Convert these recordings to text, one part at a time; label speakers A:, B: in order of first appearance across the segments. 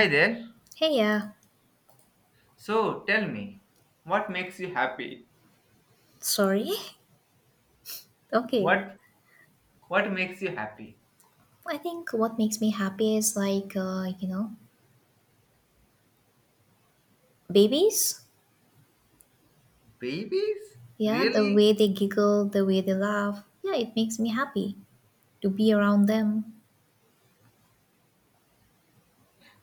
A: Hi there.
B: Hey, yeah,
A: So tell me, what makes you happy?
B: sorry. Okay.
A: What what makes you happy?
B: I think what makes me happy is like, babies.
A: Babies?
B: Yeah, the
A: Really?
B: way they giggle, the way they laugh. Yeah, it makes me happy to be around them.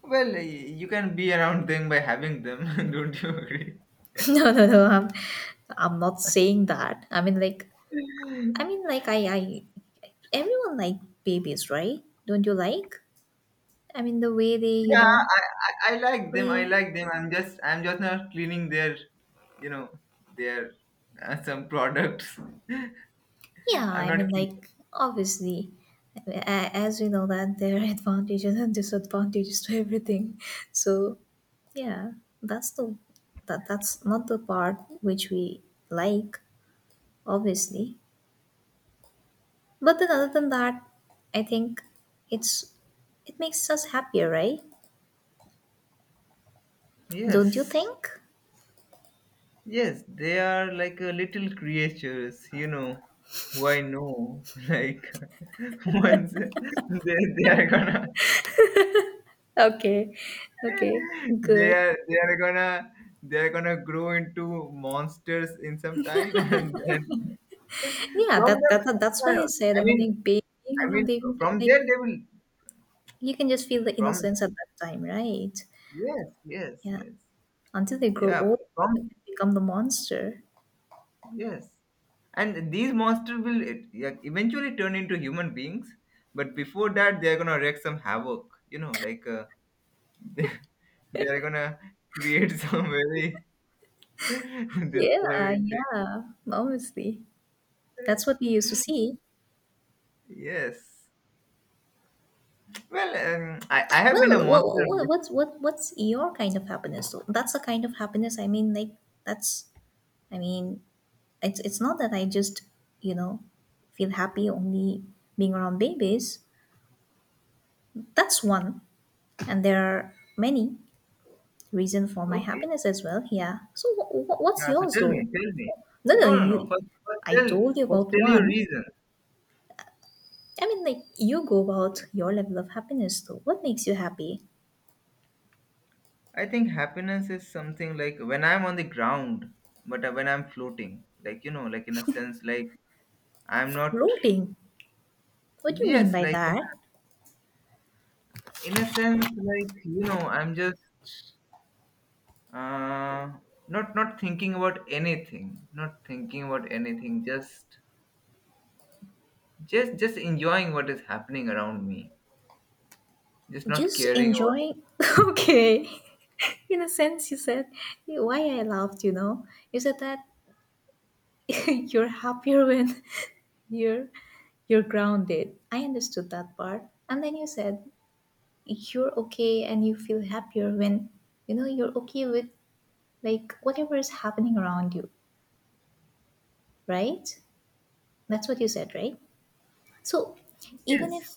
A: Well, you can be around them by having them, don't you agree?
B: No, no, no. I'm not saying that. I mean, like, I everyone like babies, right? Don't you like? I mean, the way they,
A: Yeah, I, I like them. I
B: play.
A: like them. I'm just not cleaning their, you know, their some products.
B: Yeah,
A: I'm
B: I
A: not
B: mean,
A: cleaning.
B: like, obviously, as we know that there are advantages and disadvantages to everything. So, yeah, that's the that, that's not the part which we like, obviously. But then, other than that, I think it's it makes us happier, right? Don't you
A: Yes.
B: think?
A: Yes, they are like little creatures, you know, who I know. Like once they are gonna
B: Okay, okay,
A: they
B: good.
A: are they are gonna they are gonna grow into monsters in some time, and then
B: Yeah,
A: from
B: that,
A: them,
B: that that- that's why I said.
A: I
B: I mean,
A: mean,
B: like being
A: I mean,
B: around babies,
A: from there they will
B: you can just feel the
A: from
B: innocence at that time, right?
A: yes, yes,
B: Yeah,
A: yes,
B: until they grow
A: yeah,
B: old and
A: from
B: become the monster.
A: Yes. And these monsters will yeah, eventually turn into human beings, but before that, they're gonna wreak some havoc. You know, like they, they're gonna create some very
B: Yeah,
A: disturbing thing.
B: yeah, obviously. That's what we used to see.
A: Yes. Well, I have been a
B: Well, what,
A: monster.
B: what,
A: bef-
B: what's what what's your kind of happiness, though? That's the kind of happiness. I mean, like that's. I mean, it's not that I just you know feel happy only being around babies. That's one, and there are many reasons for my
A: Okay.
B: happiness as well. Yeah. So what's
A: Yeah, so
B: yours,
A: tell me,
B: though?
A: tell me.
B: No, no,
A: No, no, no.
B: you.
A: First,
B: I told you
A: first
B: about
A: tell your
B: one.
A: reason.
B: I mean, like, you go about your level of happiness, though. What makes you happy?
A: I think happiness is something like when I'm on the ground, but when I'm floating, like, you know, like in a sense, like I'm not
B: Floating. What do you mean
A: Yes,
B: by
A: like
B: that?
A: in a sense, like you know, I'm just uh, not thinking about anything, not thinking about anything, just enjoying what is happening around me, just not
B: Just
A: caring about it.
B: enjoying. Okay. In a sense, you said, why I laughed, you know? You said that you're happier when you're you're grounded. I understood that part. And then you said you're okay and you feel happier when you know you're okay with like whatever is happening around you, right? That's what you said, right? So even
A: Yes,
B: if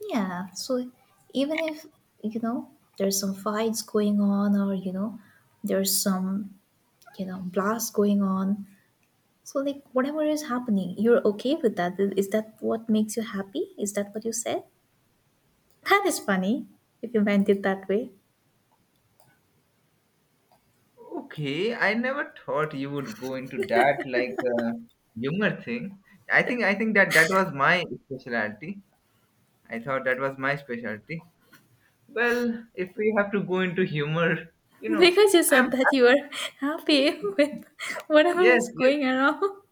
B: Yeah, so even if you know there's some fights going on or there's some blast going on. So like whatever is happening, you're okay with that. Is that what makes you happy? Is that what you said? That is funny if you meant it that way.
A: okay. I never thought you would go into that like humor thing. I think that that was my specialty. I thought that was my specialty. Well, if we have to go into humor, you know,
B: Because you said
A: I'm
B: that you are happy with whatever
A: yes,
B: is
A: yes.
B: going around.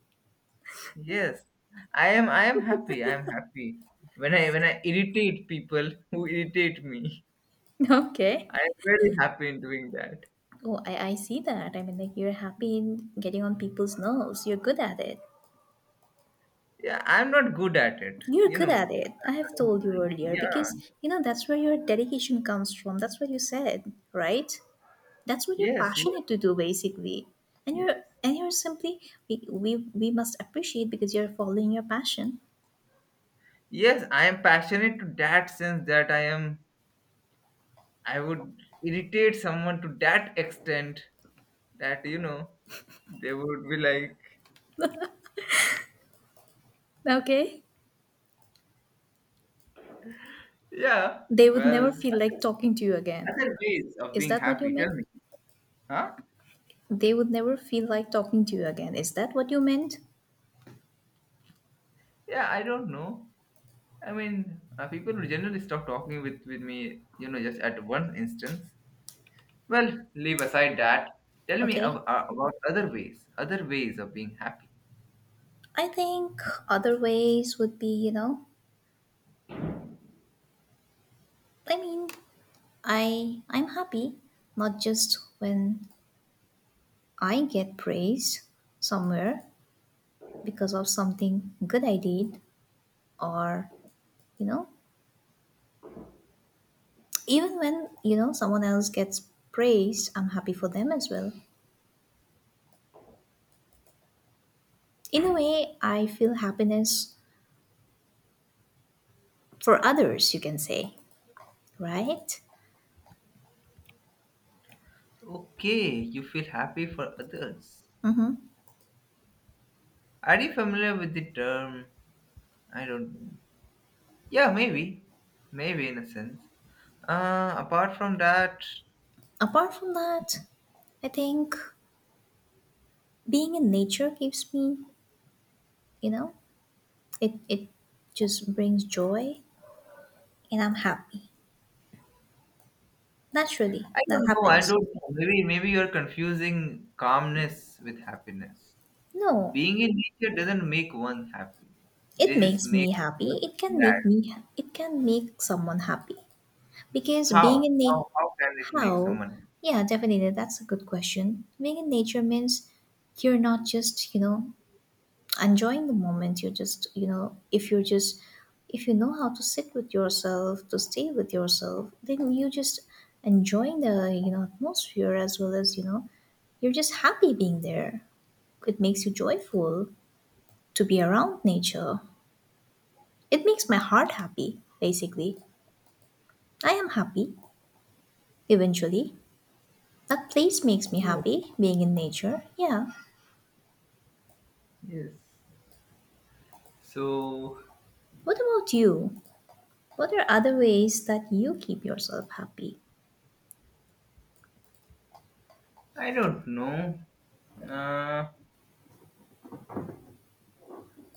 A: Yes, I am. I am happy. I am happy when I irritate people who irritate me.
B: Okay.
A: I am very happy in doing that.
B: Oh, I see that. I mean, like, you're happy in getting on people's nerves. You're good at it.
A: Yeah, I'm not good at it.
B: You're
A: You
B: good at
A: know.
B: it. I have told you earlier because
A: Yeah.
B: you know that's where your dedication comes from. That's what you said, right? That's what you're
A: Yes. Yes.
B: passionate to do, basically. And you're
A: Yes.
B: and you're simply, we must appreciate because you're following your passion.
A: Yes. I am passionate to that sense that I am. I would irritate someone to that extent that you know they would be like,
B: Okay?
A: yeah.
B: They would never
A: Well,
B: feel like talking to you again.
A: other ways of
B: Is
A: being
B: that what you
A: happy.
B: meant?
A: Tell me, huh?
B: They would never feel like talking to you again. Is that what you meant?
A: Yeah, I don't know. I mean, people would generally stop talking with me, you know, just at one instance. Well, leave aside that. Tell me
B: Okay.
A: about other ways of being happy.
B: I think other ways would be, I mean, I'm happy not just when I get praise somewhere because of something good I did, or you know, even when you know someone else gets praise, I'm happy for them as well. In a way, I feel happiness for others, you can say, right?
A: Okay, you feel happy for others.
B: Mm-hmm.
A: Are you familiar with the term? I don't know. Yeah, maybe. Maybe in a sense. Apart from that,
B: Apart from that, I think being in nature gives me, you know, it just brings joy and I'm happy. Naturally,
A: I
B: that
A: don't know. I
B: happens.
A: don't know. Maybe, maybe you're confusing calmness with happiness.
B: No,
A: Being in nature doesn't make one happy.
B: it
A: They just
B: makes
A: make
B: me
A: a
B: happy.
A: person glad.
B: It can make someone happy because being
A: How?
B: in nature,
A: How can it make
B: how,
A: someone
B: yeah, definitely that's a good question. Being in nature means you're not just enjoying the moment. You're just you know if you're just If you know how to sit with yourself, to stay with yourself, then you just enjoying the atmosphere, as well as you're just happy being there. It makes you joyful to be around nature. It makes my heart happy, basically. I am happy, eventually. That place makes me
A: happy?
B: happy, being in nature. Yeah.
A: Yes. So
B: What about you? What are other ways that you keep yourself happy?
A: I don't know. Uh,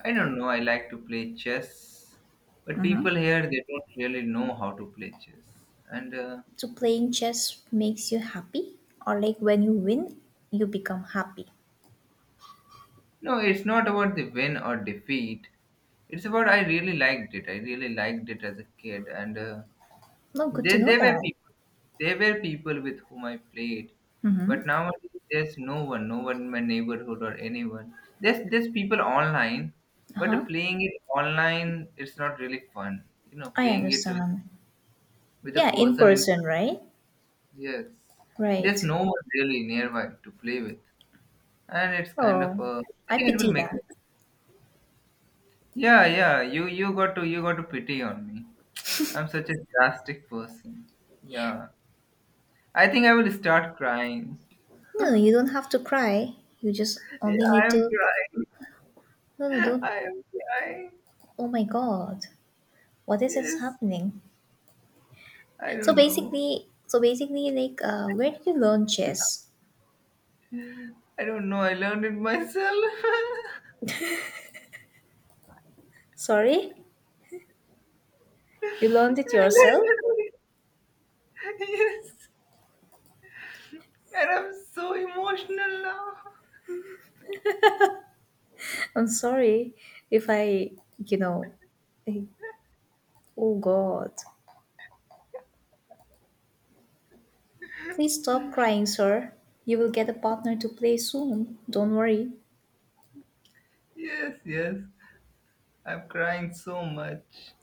A: I don't know. I like to play chess, but people here they don't really know how to play chess. And
B: So, playing chess makes you happy? Or, like, when you win, you become happy?
A: no, it's not about the win or defeat. It's about I really liked it. I really liked it as a kid, and
B: No, good to know
A: There were
B: that.
A: people. There were people with whom I played, but
B: Mm-hmm.
A: nowadays there's no one, no one in my neighborhood or anyone. There's people online,
B: Uh
A: but
B: huh.
A: playing it online, it's not really fun. You know,
B: I
A: playing it
B: understand.
A: with a
B: Yeah, in
A: person in
B: person, right?
A: yes, there's
B: Right.
A: no one really nearby to play with, and it's kind of
B: Oh,
A: a. I
B: I
A: think it will
B: pity
A: make.
B: that.
A: Yeah, yeah. You got to pity on me. I'm such a drastic person. Yeah, I think I will start crying.
B: No, you don't have to cry. You just only
A: I
B: need
A: am
B: to.
A: crying.
B: No, no, don't.
A: I am crying.
B: Oh my God, what is
A: Yes.
B: happening?
A: I
B: So
A: don't know.
B: basically, like, where did you learn chess?
A: I don't know. I learned it myself.
B: Sorry,
A: I
B: you learned it yourself?
A: learned it. Yes. And I'm so emotional now.
B: I'm sorry if I, you know, I- oh God, please stop crying, sir. You will get a partner to play soon. Don't worry.
A: Yes, yes. I'm crying so much.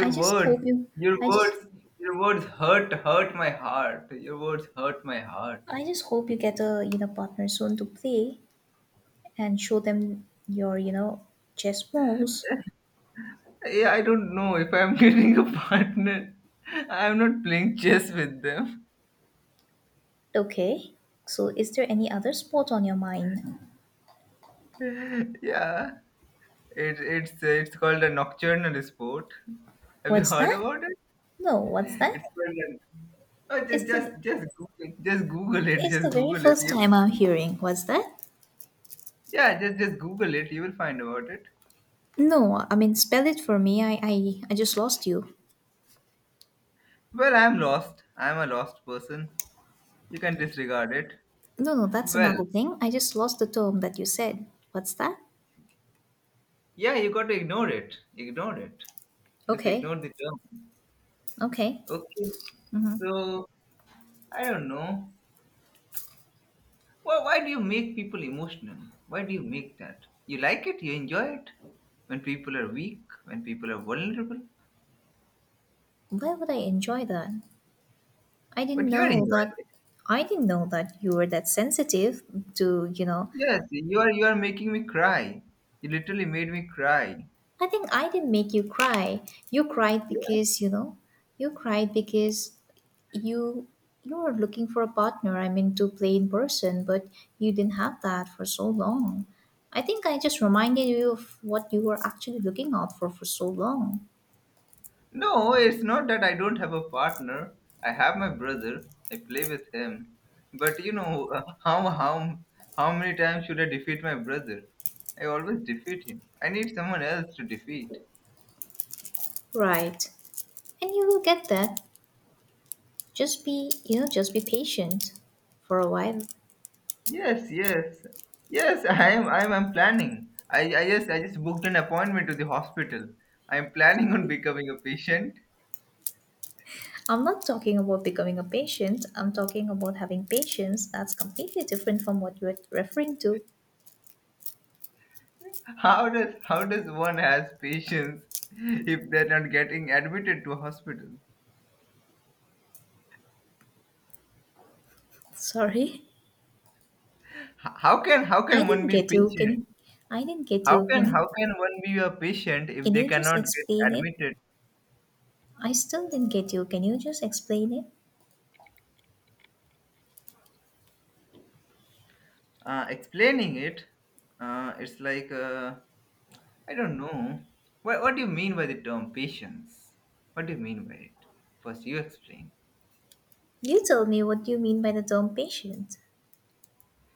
B: I just hope
A: words,
B: you,
A: your
B: I just,
A: words, your words hurt my heart. Your words hurt my heart.
B: I just hope you get a, partner soon to play and show them your, chess moves.
A: Yeah, I don't know if I'm getting a partner. I'm not playing chess with them.
B: Okay. So is there any other sport on your mind?
A: Yeah. It's called a nocturnal sport. Have you
B: What's
A: heard
B: that?
A: about it?
B: No, what's
A: It's
B: that?
A: called an, oh,
B: It's the
A: just Google
B: it's the
A: Just
B: very
A: Google it.
B: first
A: You
B: time
A: will
B: I'm
A: find-
B: hearing. What's that?
A: yeah, just Google it. You will find about it.
B: No, I mean spell it for me. I just lost you.
A: Well, I'm lost. I'm a lost person. You can disregard it.
B: No, no, that's
A: Well,
B: another thing. I just lost the term that you said. What's that?
A: yeah, you got to ignore it. Ignore it. Just
B: Okay.
A: ignore the term.
B: Okay.
A: Okay. So I don't know. Well, why do you make people emotional? Why do you make that? You enjoy it when people are weak, when people are vulnerable,
B: Why would I enjoy that? I didn't
A: but you are
B: know
A: enjoying
B: that
A: it.
B: I didn't know that you were that sensitive to,
A: Yes, you are making me cry. You literally made me cry.
B: I think I didn't make you cry. You cried
A: Yes.
B: because, you know, you cried because you you were looking for a partner, I mean to play in person, but you didn't have that for so long. I think I just reminded you of what you were actually looking out for so long.
A: No, it's not that I don't have a partner. I have my brother. I play with him. But you know how many times should I defeat my brother? I always defeat him. I need someone else to defeat.
B: Right. And you will get that. Just be patient for a while.
A: Yes, yes, yes. I am. I'm planning. I just. I just booked an appointment to the hospital. I'm planning on becoming a patient.
B: I'm not talking about becoming a patient. I'm talking about having patience. That's completely different from what you're referring to.
A: How does one has patience if they're not getting admitted to a hospital?
B: Sorry.
A: How
B: I
A: can one
B: didn't
A: be
B: get you. Can you?
A: patient?
B: I didn't get you. Can you?
A: How can one be a patient if
B: Can
A: they
B: you just
A: cannot get
B: explain it?
A: admitted?
B: I still didn't get you. Can you just explain it?
A: Explaining it, it's like. I don't know. What do you mean by the term patience? What do you mean by it? First, you explain.
B: You tell me what you mean by the term patient.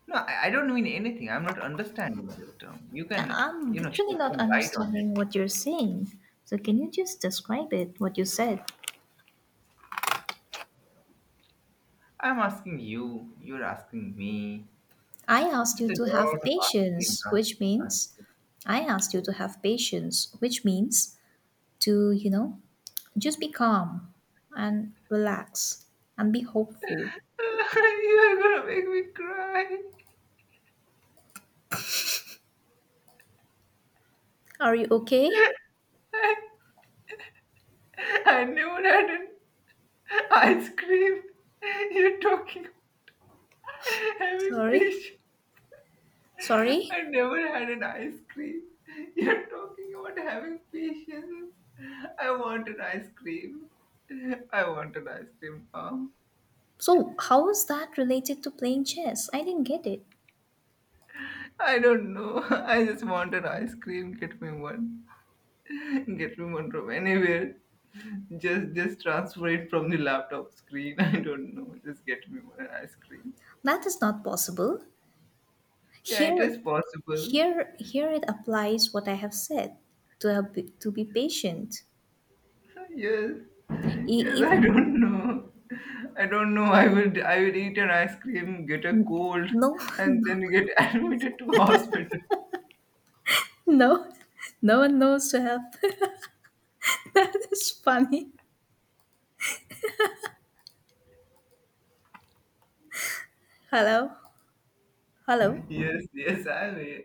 A: No, I don't mean anything. I'm not understanding this term. You can,
B: I'm
A: you know,
B: literally
A: shed
B: not
A: some light on it.
B: understanding what you're saying. So can you just describe it? What you said?
A: I'm asking you. You're asking me.
B: I asked
A: There's
B: you
A: a
B: to have
A: lot of
B: patience, which means I asked you to have patience, which means to just be calm and relax and be hopeful.
A: asking. You're gonna make me cry.
B: Are you okay?
A: I I never had an ice cream. You're talking about having
B: Sorry.
A: fish.
B: Sorry?
A: I never had an ice cream. You're talking about having patience. I want an ice cream. I want an ice cream now.
B: So, how is that related to playing chess? I didn't get it.
A: I don't know. I just want an ice cream. Get me one. Get me one from anywhere. Just transfer it from the laptop screen. I don't know. Just get me one an ice cream.
B: That is not possible.
A: Yeah, it is
B: Here,
A: possible.
B: it applies what I have said to have, to be patient.
A: Yes,
B: I-
A: yes,
B: If
A: I don't know. I don't know. I would eat an ice cream, get a cold,
B: No,
A: and then get admitted to hospital.
B: no no one knows to have that is funny. Hello, hello.
A: Yes, yes, I'm here.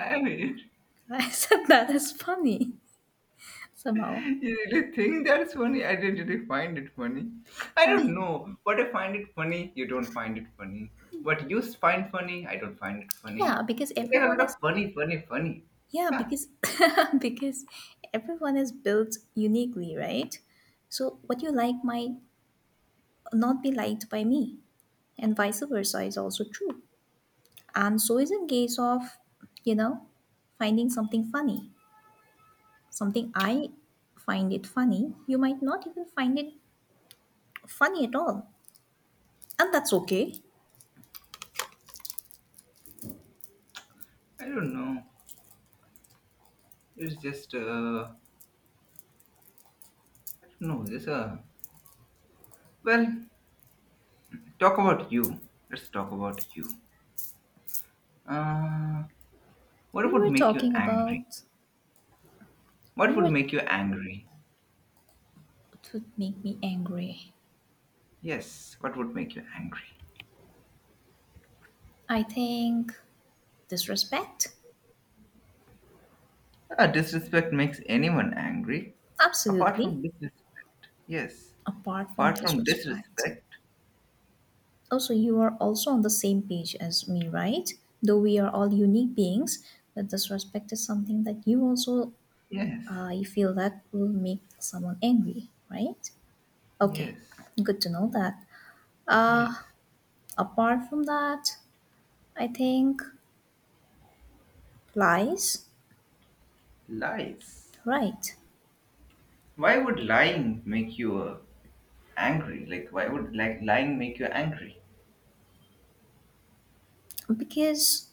A: I'm here.
B: I said that is funny somehow.
A: You really think that's funny? I didn't really find it funny. I
B: Uh,
A: don't know. What I find it funny, you don't find it funny. What you find funny, I don't find it
B: yeah,
A: funny.
B: because
A: It's like a
B: everyone
A: lot
B: is
A: of funny, funny, funny.
B: Yeah,
A: Ah,
B: because because everyone is built uniquely, right? So what you like might not be liked by me, and vice versa is also true. And so is a case of, you know, finding something funny. Something I find it funny, you might not even find it funny at all. And that's okay.
A: I don't know. It's just, I don't know. Just a well. Talk about you. Let's talk about you. Uh, what
B: We
A: would
B: were
A: make you
B: talking
A: angry?
B: about we
A: What would
B: were
A: make you angry?
B: It would make me angry.
A: Yes, what would make you angry?
B: I think disrespect.
A: Ah, disrespect makes anyone angry. Apart
B: Absolutely.
A: from disrespect. Yes.
B: Apart from
A: Apart
B: this
A: from
B: respect.
A: disrespect.
B: Also, you are also on the same page as me, right? Though we are all unique beings, but this respect is something that
A: Yes.
B: you feel that will make someone angry, right? Okay,
A: Yes.
B: good to know that. Uh,
A: Yes.
B: Apart from that, I think lies,
A: Lies.
B: right?
A: Why would lying make you angry? Why would like lying make you angry?
B: Because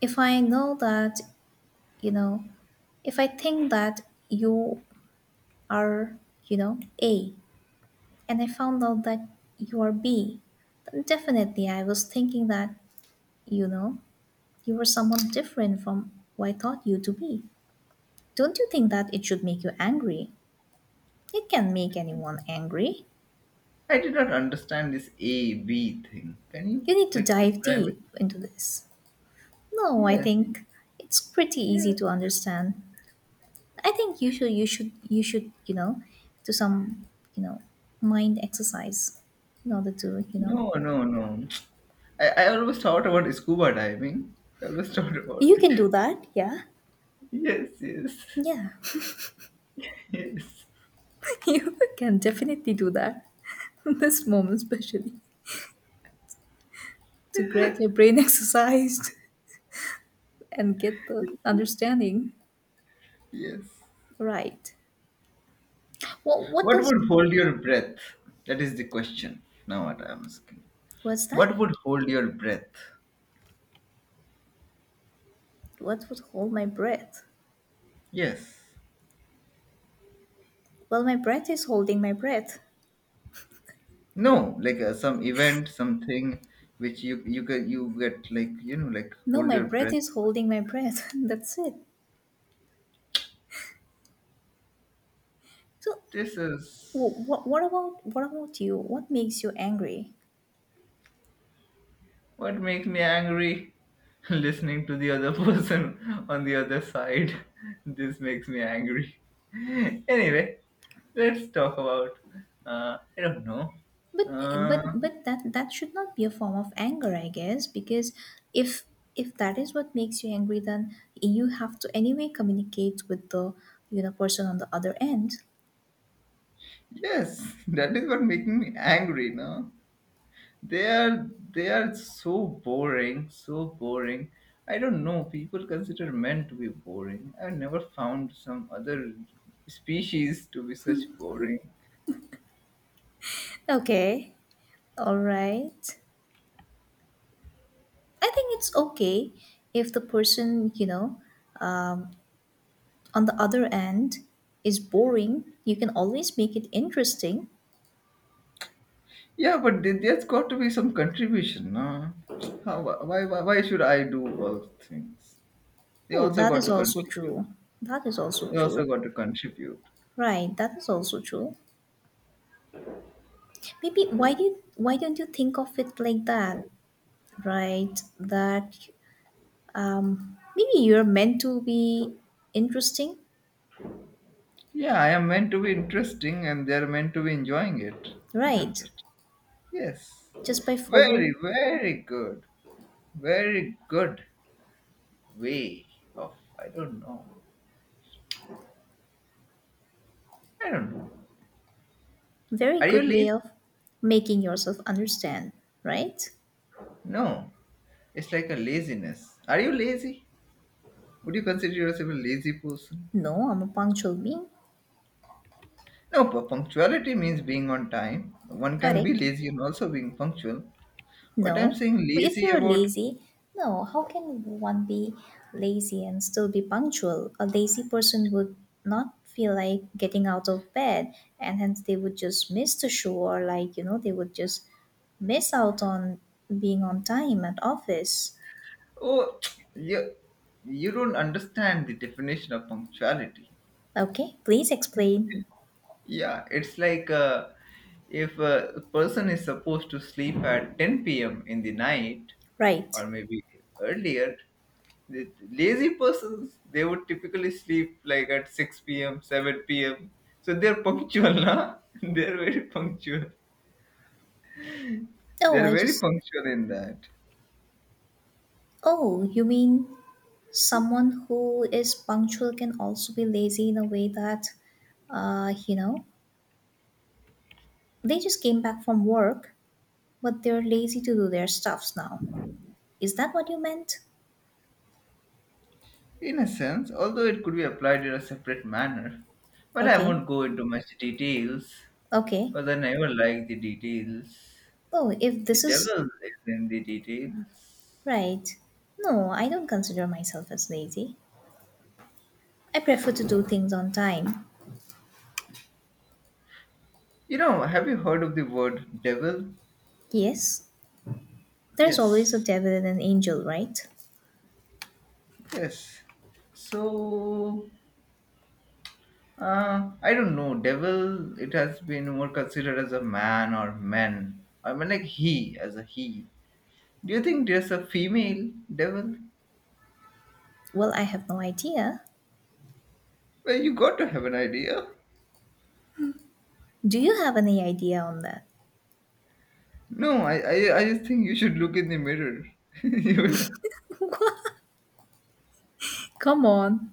B: if I know that, you know, if I think that you are, A, and I found out that you are B, then definitely I was thinking that, you know, you were someone different from who I thought you to be. Don't you think that it should make you angry? It can make anyone angry.
A: I did not understand this A B thing. Can you
B: You need to
A: like
B: dive
A: describe
B: deep into this. No, I
A: Yes,
B: think it's pretty easy
A: yes.
B: to understand. I think you should, do some, you know, mind exercise in order to, you know.
A: No, no, no. I always thought about scuba diving. I always thought about
B: You
A: it.
B: can do that, yeah.
A: Yes, yes,
B: Yeah.
A: yes,
B: You can definitely do that. This moment, especially, to get your brain exercised and get the understanding
A: yes.
B: right. Well,
A: What would hold your breath? That is the question. Now, what I'm asking.
B: what's that?
A: What would hold your breath?
B: What would hold my breath?
A: Yes.
B: Well, my breath is holding my breath.
A: No, like some event, something which you get like you know like
B: No,
A: hold
B: my
A: your
B: breath
A: breath.
B: is holding my breath. That's it. So,
A: This is.
B: what about you? What makes you angry?
A: What makes me angry? Listening to the other person on the other side. This makes me angry. Anyway, let's talk about. I don't know.
B: But but
A: Uh,
B: but that should not be a form of anger, I guess, because if if that is what makes you angry, then you have to anyway communicate with the person on the other end.
A: yes, that is what making me angry. No, they are so boring, so boring. I don't know. People consider men to be boring. I've never found some other species to be such boring.
B: Okay, all right. I think it's okay if the person um, on the other end is boring. You can always make it interesting.
A: Yeah, but there's got to be some contribution. No? Why should I do all things? They
B: Oh,
A: also
B: that
A: got
B: is
A: to
B: also
A: contribute.
B: true. That is also
A: They also
B: true.
A: got to contribute.
B: Right, that is also true. Maybe why don't you think of it like that right that maybe you're meant to be interesting
A: Yeah, I am meant to be interesting and they're meant to be enjoying it, isn't
B: right
A: it? Yes.
B: just by
A: Very,
B: following
A: very good. Very good way of, I don't know. I don't know.
B: very
A: Are you
B: good way
A: lazy?
B: of making yourself understand right.
A: No. It's like a laziness. Are you lazy? Would you consider yourself a lazy person?
B: No, I'm a punctual being
A: No, punctuality means being on time. One can be
B: correct.
A: lazy and also being punctual. What I'm
B: No,
A: saying
B: if
A: lazy
B: you're
A: about,
B: lazy, no, how can one be lazy and still be punctual? A lazy person would not feel like getting out of bed and hence they would just miss the show or they would just miss out on being on time at office.
A: oh, you, you don't understand the definition of punctuality.
B: Okay, please explain.
A: Yeah, it's like if a person is supposed to sleep at 10 p.m. in the night
B: Right.
A: or maybe earlier, the lazy persons, they would typically sleep like at 6 p.m., 7 p.m. So they're punctual, na? They're very punctual.
B: Oh,
A: They're
B: I
A: very
B: just—
A: punctual in that.
B: Oh, you mean someone who is punctual can also be lazy in a way that uh, you know, they just came back from work, but they're lazy to do their stuffs now. Is that what you meant?
A: In a sense, although it could be applied in a separate manner. But I
B: Okay.
A: won't go into much details,
B: Okay.
A: because I never like the details.
B: Oh, if
A: The
B: this is
A: devil is in the details.
B: right. No, I don't consider myself as lazy. I prefer to do things on time.
A: You know, have you heard of the word devil?
B: Yes, there's always a
A: Yes.
B: devil and an angel, right?
A: Yes. So, I don't know. Devil, it has been more considered as a man or men. I mean, like he, as a he. Do you think there's a female devil?
B: Well, I have no idea.
A: Well, you got to have an idea.
B: Do you have any idea on that?
A: No, I just think you should look in the mirror. You will,
B: Come on.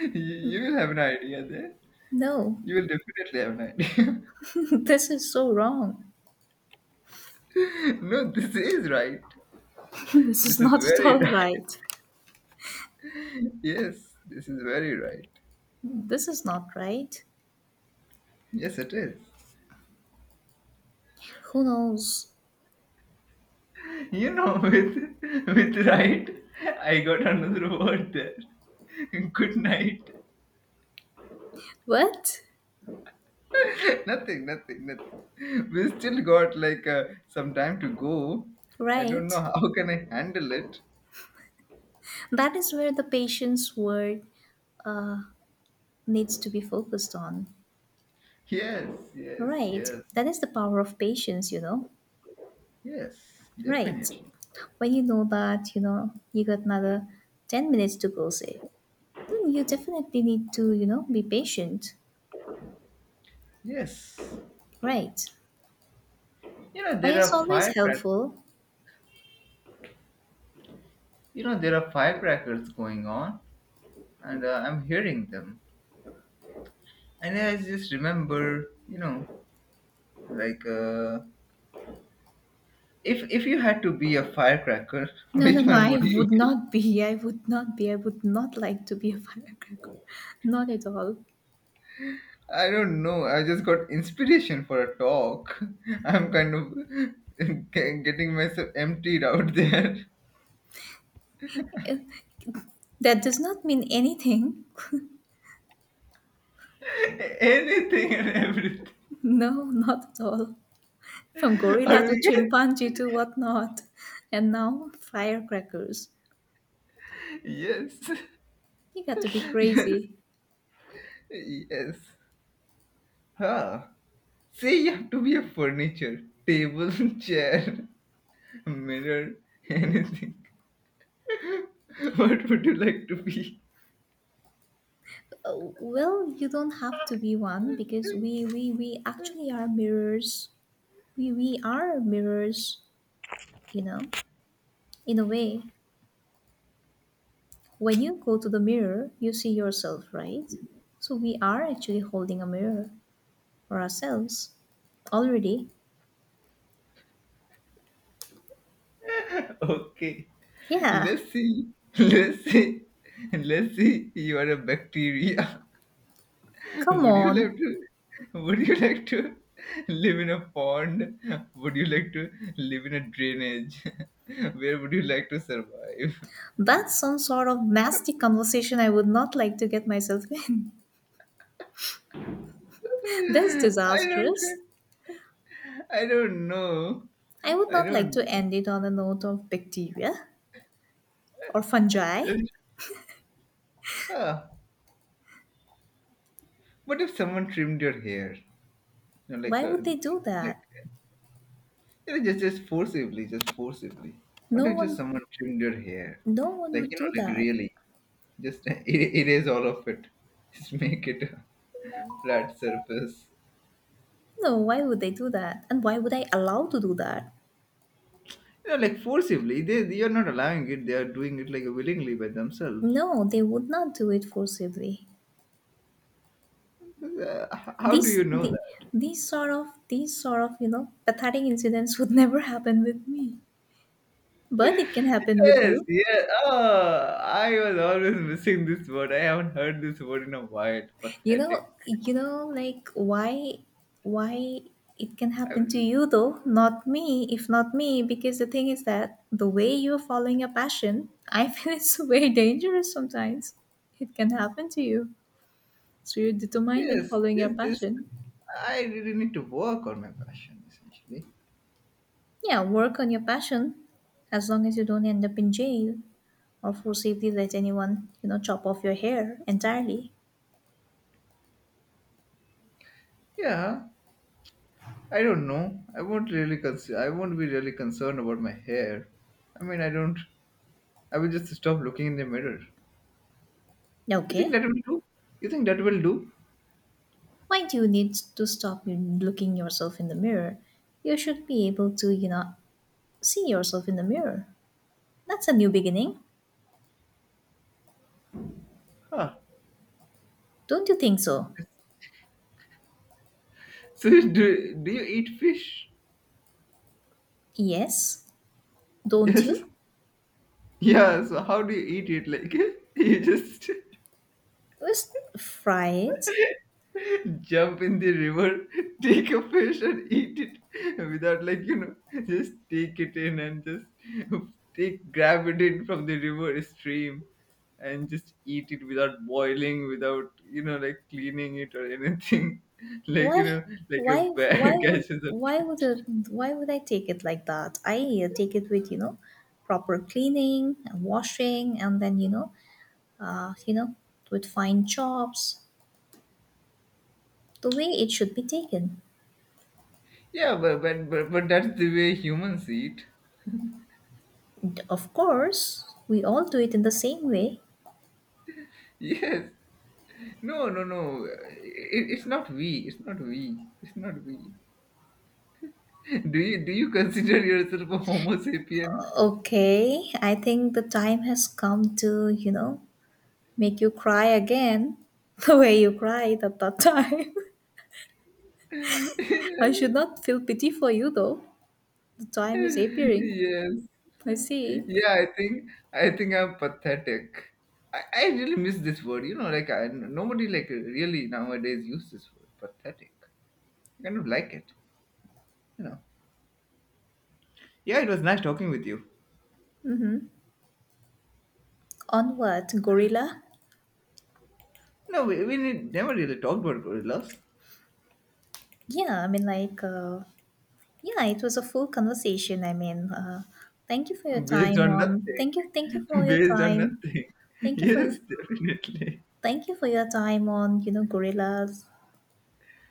A: you will have an idea there.
B: No,
A: You will definitely have an idea.
B: this is so wrong.
A: No, this is right.
B: this is
A: This is
B: not at
A: very
B: all
A: right.
B: right.
A: Yes, this is very right.
B: This is not right.
A: Yes, it is.
B: Who knows?
A: You know, with right, I got another word there. Good night.
B: What?
A: Nothing, nothing, nothing. We still got like some time to go. I don't know
B: Right.
A: how can I handle it.
B: That is where the patient's word uh, needs to be focused on.
A: Yes, yes,
B: Right.
A: yes,
B: That is the power of patience, you know.
A: yes,
B: Right.
A: definitely.
B: When you got another 10 minutes to go, say, then you definitely need to, be patient.
A: Yes.
B: Right.
A: You know,
B: And
A: there
B: it's
A: are
B: always
A: firecrackers.
B: helpful.
A: You know, there are firecrackers going on, and I'm hearing them. And I just remember, you know, like uh, if you had to be a firecracker,
B: No, no,
A: which
B: no,
A: one
B: I
A: would you
B: would
A: be?
B: not be. I would not be. I would not like to be a firecracker. Not at all.
A: I don't know. I just got inspiration for a talk. I'm kind of getting myself emptied out there.
B: That does not mean anything.
A: Anything and everything.
B: No, not at all. From gorilla
A: Or
B: to
A: we
B: chimpanzee to whatnot. And now firecrackers.
A: yes.
B: You got to be
A: Yes.
B: crazy.
A: Yes. Huh. Say you have to be a furniture, table, chair, mirror, anything. What would you like to be?
B: Well, you don't have to be one because we actually are mirrors. We are mirrors, you know, in a way. When you go to the mirror, you see yourself, right? So we are actually holding a mirror for ourselves already.
A: Okay.
B: Yeah,
A: Let's see. Let's see. Let's see. You are a bacteria.
B: come
A: Would you
B: on.
A: like to would you like to live in a pond? Would you like to live in a drainage? Where would you like to survive?
B: That's some sort of nasty conversation I would not like to get myself in. This
A: I don't
B: disastrous.
A: I don't know.
B: I would
A: I
B: not like
A: don't
B: to
A: know.
B: end it on a note of bacteria or fungi.
A: It's- ah. What if someone trimmed your hair? You know,
B: Why would they do
A: like,
B: that?
A: you know, just forcibly, just forcibly. What
B: No
A: if just
B: one
A: someone trimmed your hair?
B: no one
A: Like,
B: would
A: you know,
B: do
A: like
B: that.
A: really, just erase all of it. Just make it a flat surface.
B: No, why would they do that? And why would I allow to do that?
A: You know, like forcibly. They are not allowing it. They are doing it like willingly by themselves.
B: No, they would not do it forcibly.
A: How do
B: These
A: you know
B: the,
A: that?
B: these sort of, you know, pathetic incidents would never happen with me. But it can happen with
A: Yes,
B: you.
A: yeah. Oh, I was always missing this word. I haven't heard this word in a while. Pathetic.
B: Like why it can
A: I
B: happen to
A: was,
B: you though, not me. If not me, because the thing is that the way you're following your passion, I feel it's very dangerous sometimes. It can happen to you. So you're determined in
A: yes,
B: following your
A: this.
B: passion.
A: I really need to work on my passion, essentially.
B: Yeah, work on your passion, as long as you don't end up in jail or for safety, let anyone, you know, chop off your hair entirely.
A: Yeah, I don't know. I won't really concern. I won't be really concerned about my hair. I mean, I don't. I will just stop looking in the mirror. You think
B: Okay.
A: that will do? You think that will do?
B: Why do you need to stop you looking yourself in the mirror? You should be able to, you know, see yourself in the mirror. That's a new beginning.
A: Huh.
B: Don't you think so?
A: So you do, do you eat fish?
B: Yes. Don't
A: Yes.
B: you?
A: Yeah. So how do you eat it? Like you just
B: Just fry it.
A: jump in the river, take a fish and eat it without like you know, just take it in and just take grab it in from the river stream and just eat it without boiling, without you know like cleaning it or anything. Like you
B: Why?
A: know, like a
B: Why? Why
A: bear
B: would?
A: catches a
B: Why would?
A: fish.
B: A, why would I take it like that? I take it with you know, proper cleaning and washing, and then you know, uh, you know, with fine chops, the way it should be taken.
A: Yeah, but that's the way humans eat.
B: Of course, we all do it in the same way.
A: Yes. No, no, no. It's not we. It's not we. It's not we. Do you consider yourself a Homo sapien?
B: Okay, I think the time has come to, you know, make you cry again the way you cried at that time. I should not feel pity for you though. The time is appearing.
A: Yes.
B: I see.
A: Yeah, I think I'm pathetic. I really miss this word. You know, like I, nobody like really nowadays use this word. Pathetic. I kind of like it. You know. Yeah, it was nice talking with you.
B: On what? Gorilla?
A: No, we never really talked about gorillas.
B: Yeah, I mean, yeah, it was a full conversation. I mean, thank you for your
A: Based
B: time
A: on
B: on.
A: nothing.
B: Thank you for your
A: Based on
B: time.
A: nothing.
B: Thank you for your.
A: Yes, definitely.
B: Thank you for your time on, you know, gorillas